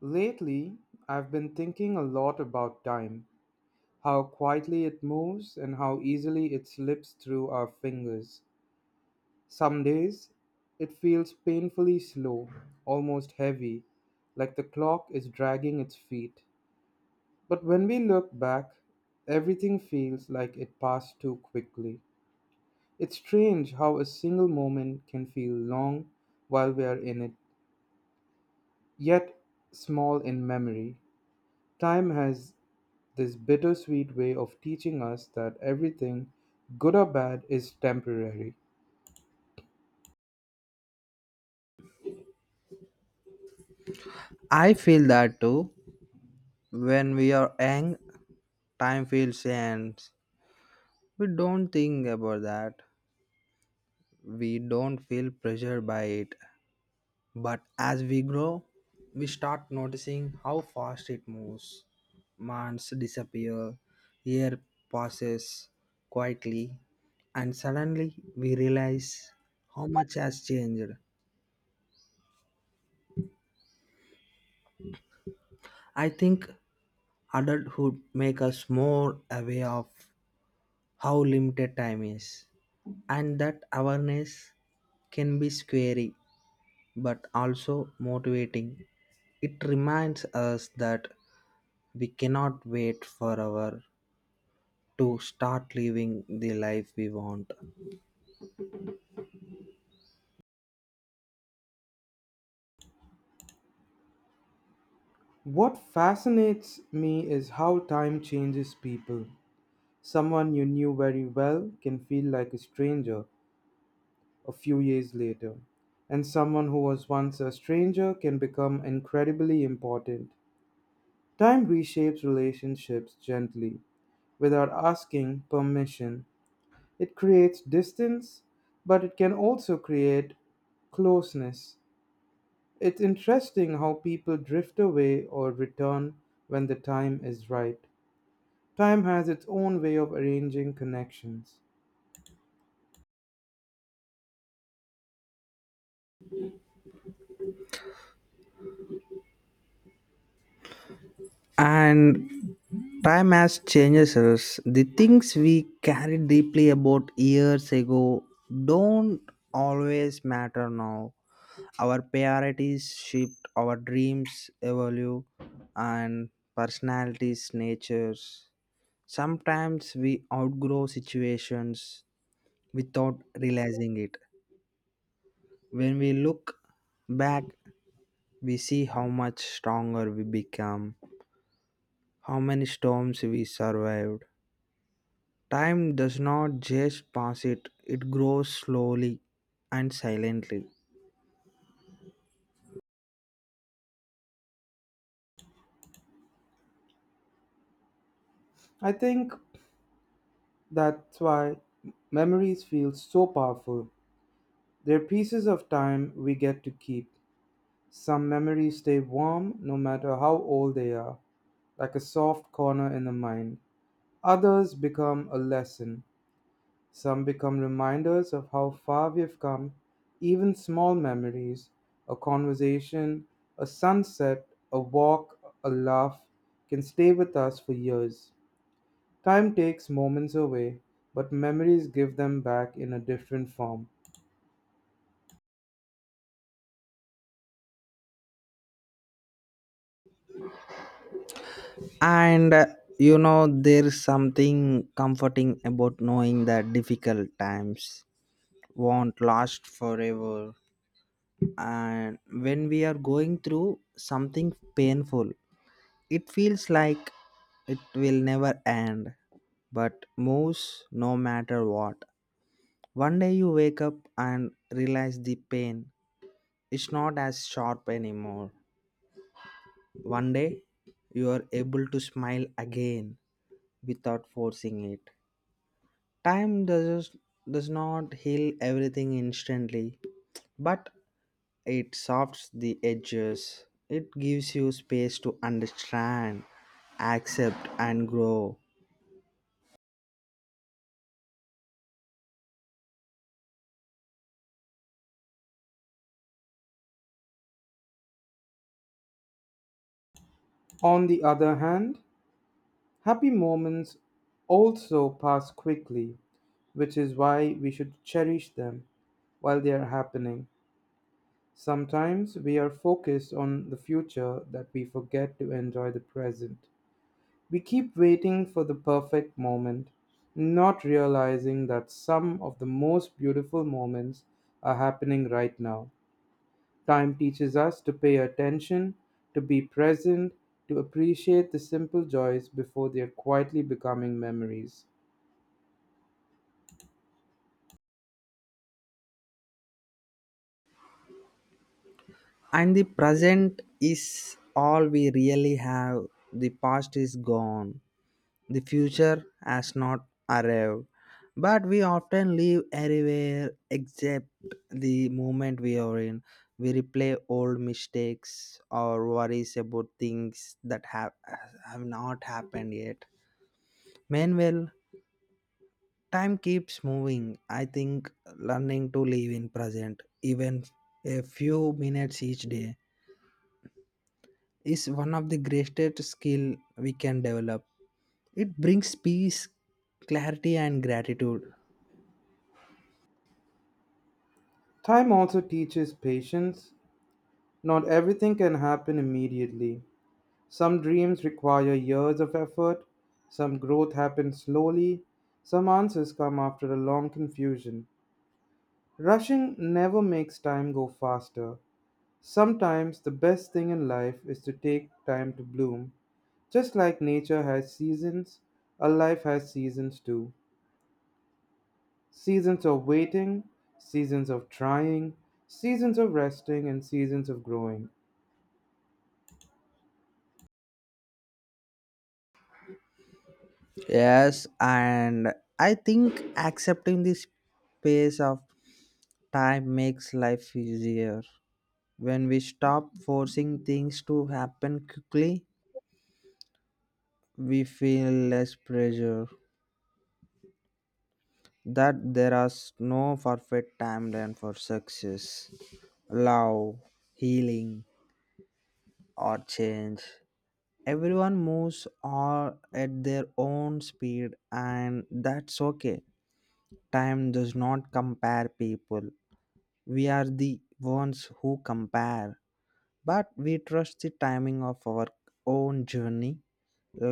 Lately, I've been thinking a lot about time, how quietly it moves and how easily it slips through our fingers. Some days, it feels painfully slow, almost heavy, like the clock is dragging its feet. But when we look back, everything feels like it passed too quickly. It's strange how a single moment can feel long while we are in it, yet small in memory. Time has this bittersweet way of teaching us that everything, good or bad, is temporary. I feel that too. When we are young, time feels ends. We don't think about that. We don't feel pressured by it. But as we grow, we start noticing how fast it moves. Months disappear, year passes quietly, and suddenly we realize how much has changed. I think adulthood make us more aware of how limited time is, and that awareness can be scary but also motivating. It reminds us that we cannot wait forever to start living the life we want, What fascinates me is how time changes people. Someone you knew very well can feel like a stranger a few years later, and someone who was once a stranger can become incredibly important. Time reshapes relationships gently without asking permission. It creates distance, but it can also create closeness. It's interesting how people drift away or return when the time is right. Time has its own way of arranging connections. and time has changes us. The things we carry deeply about years ago don't always matter now. Our priorities shift, our dreams evolve, and personalities natures. Sometimes we outgrow situations without realizing it. When we look back, we see how much stronger we become, how many storms we survived. Time does not just pass it, it grows slowly and silently. I think that's why memories feel so powerful. They're pieces of time we get to keep. Some memories stay warm no matter how old they are, like a soft corner in the mind. Others become a lesson. Some become reminders of how far we have come, even small memories: a conversation, a sunset, a walk, a laugh, can stay with us for years. Time takes moments away, but memories give them back in a different form. And uh, there's something comforting about knowing that difficult times won't last forever. And when we are going through something painful, it feels like it will never end, but moves no matter what. One day you wake up and realize the pain is not as sharp anymore. One day you are able to smile again without forcing it. Time does not heal everything instantly, but it softs the edges. It gives you space to understand, accept, and grow. On the other hand, happy moments also pass quickly, which is why we should cherish them while they are happening. Sometimes we are focused on the future that we forget to enjoy the present. We keep waiting for the perfect moment, not realizing that some of the most beautiful moments are happening right now. Time teaches us to pay attention, to be present, to appreciate the simple joys before they are quietly becoming memories. And the present is all we really have. The past is gone. The future has not arrived. But we often live everywhere except the moment we are in. We replay old mistakes or worries about things that have not happened yet. Meanwhile, time keeps moving. I think learning to live in present, even a few minutes each day, is one of the greatest skill we can develop. It brings peace, clarity, and gratitude. Time also teaches patience. Not everything can happen immediately. Some dreams require years of effort, some growth happens slowly, some answers come after a long confusion. Rushing never makes time go faster. Sometimes the best thing in life is to take time to bloom. Just like nature has seasons, a life has seasons too. Seasons of waiting, seasons of trying, seasons of resting, and seasons of growing. Yes, and I think accepting this pace of time makes life easier. When we stop forcing things to happen quickly, we feel less pressure, that there is no perfect timeline for success, love, healing, or change. Everyone moves all at their own speed, and that's okay. Time does not compare people. We are the ones who compare, but we trust the timing of our own journey.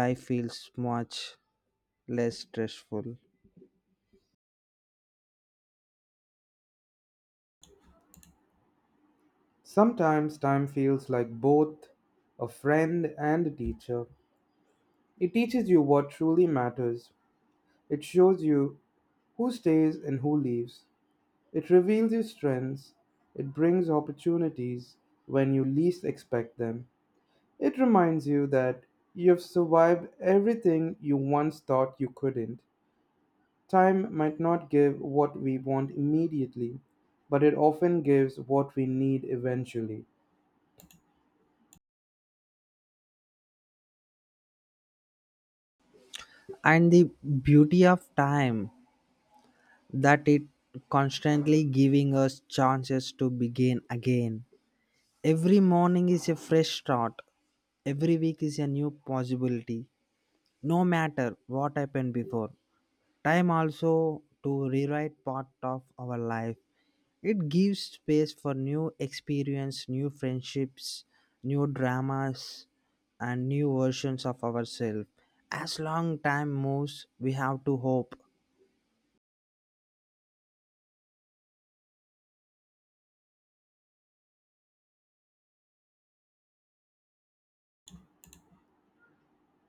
Life feels much less stressful. Sometimes time feels like both a friend and a teacher. It teaches you what truly matters. It shows you who stays and who leaves. It reveals your strengths. It brings opportunities when you least expect them. It reminds you that you have survived everything you once thought you couldn't. Time might not give what we want immediately, but it often gives what we need eventually. And the beauty of time that it constantly giving us chances to begin again. Every morning is a fresh start. Every week is a new possibility. No matter what happened before, time also to rewrite part of our life. It gives space for new experience, new friendships, new dramas, and new versions of ourselves. As long time moves, we have to hope.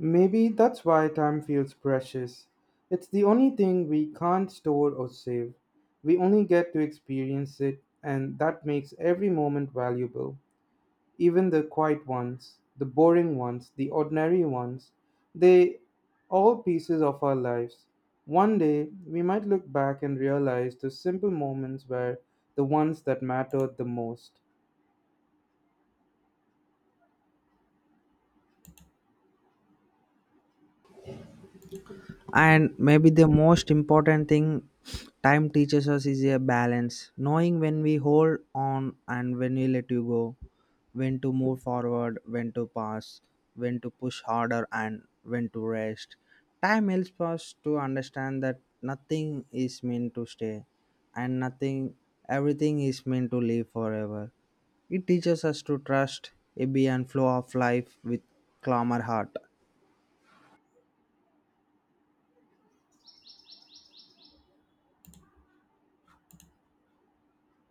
Maybe that's why time feels precious. It's the only thing we can't store or save. We only get to experience it, and that makes every moment valuable. Even the quiet ones, the boring ones, the ordinary ones, they all pieces of our lives. One day, we might look back and realize the simple moments were the ones that mattered the most. And maybe the most important thing time teaches us is a balance, knowing when we hold on and when we let you go, when to move forward, when to pass, when to push harder, and when to rest. Time helps us to understand that nothing is meant to stay, and nothing everything is meant to live forever. It teaches us to trust a be and flow of life with calmer heart.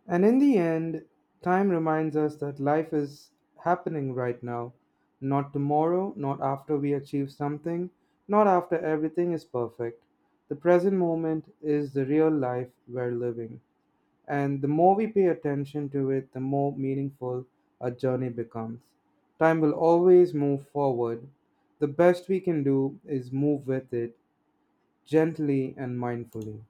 And in the end, time reminds us that life is happening right now, not tomorrow, not after we achieve something, not after everything is perfect. The present moment is the real life we're living. And the more we pay attention to it, the more meaningful our journey becomes. Time will always move forward. The best we can do is move with it gently and mindfully.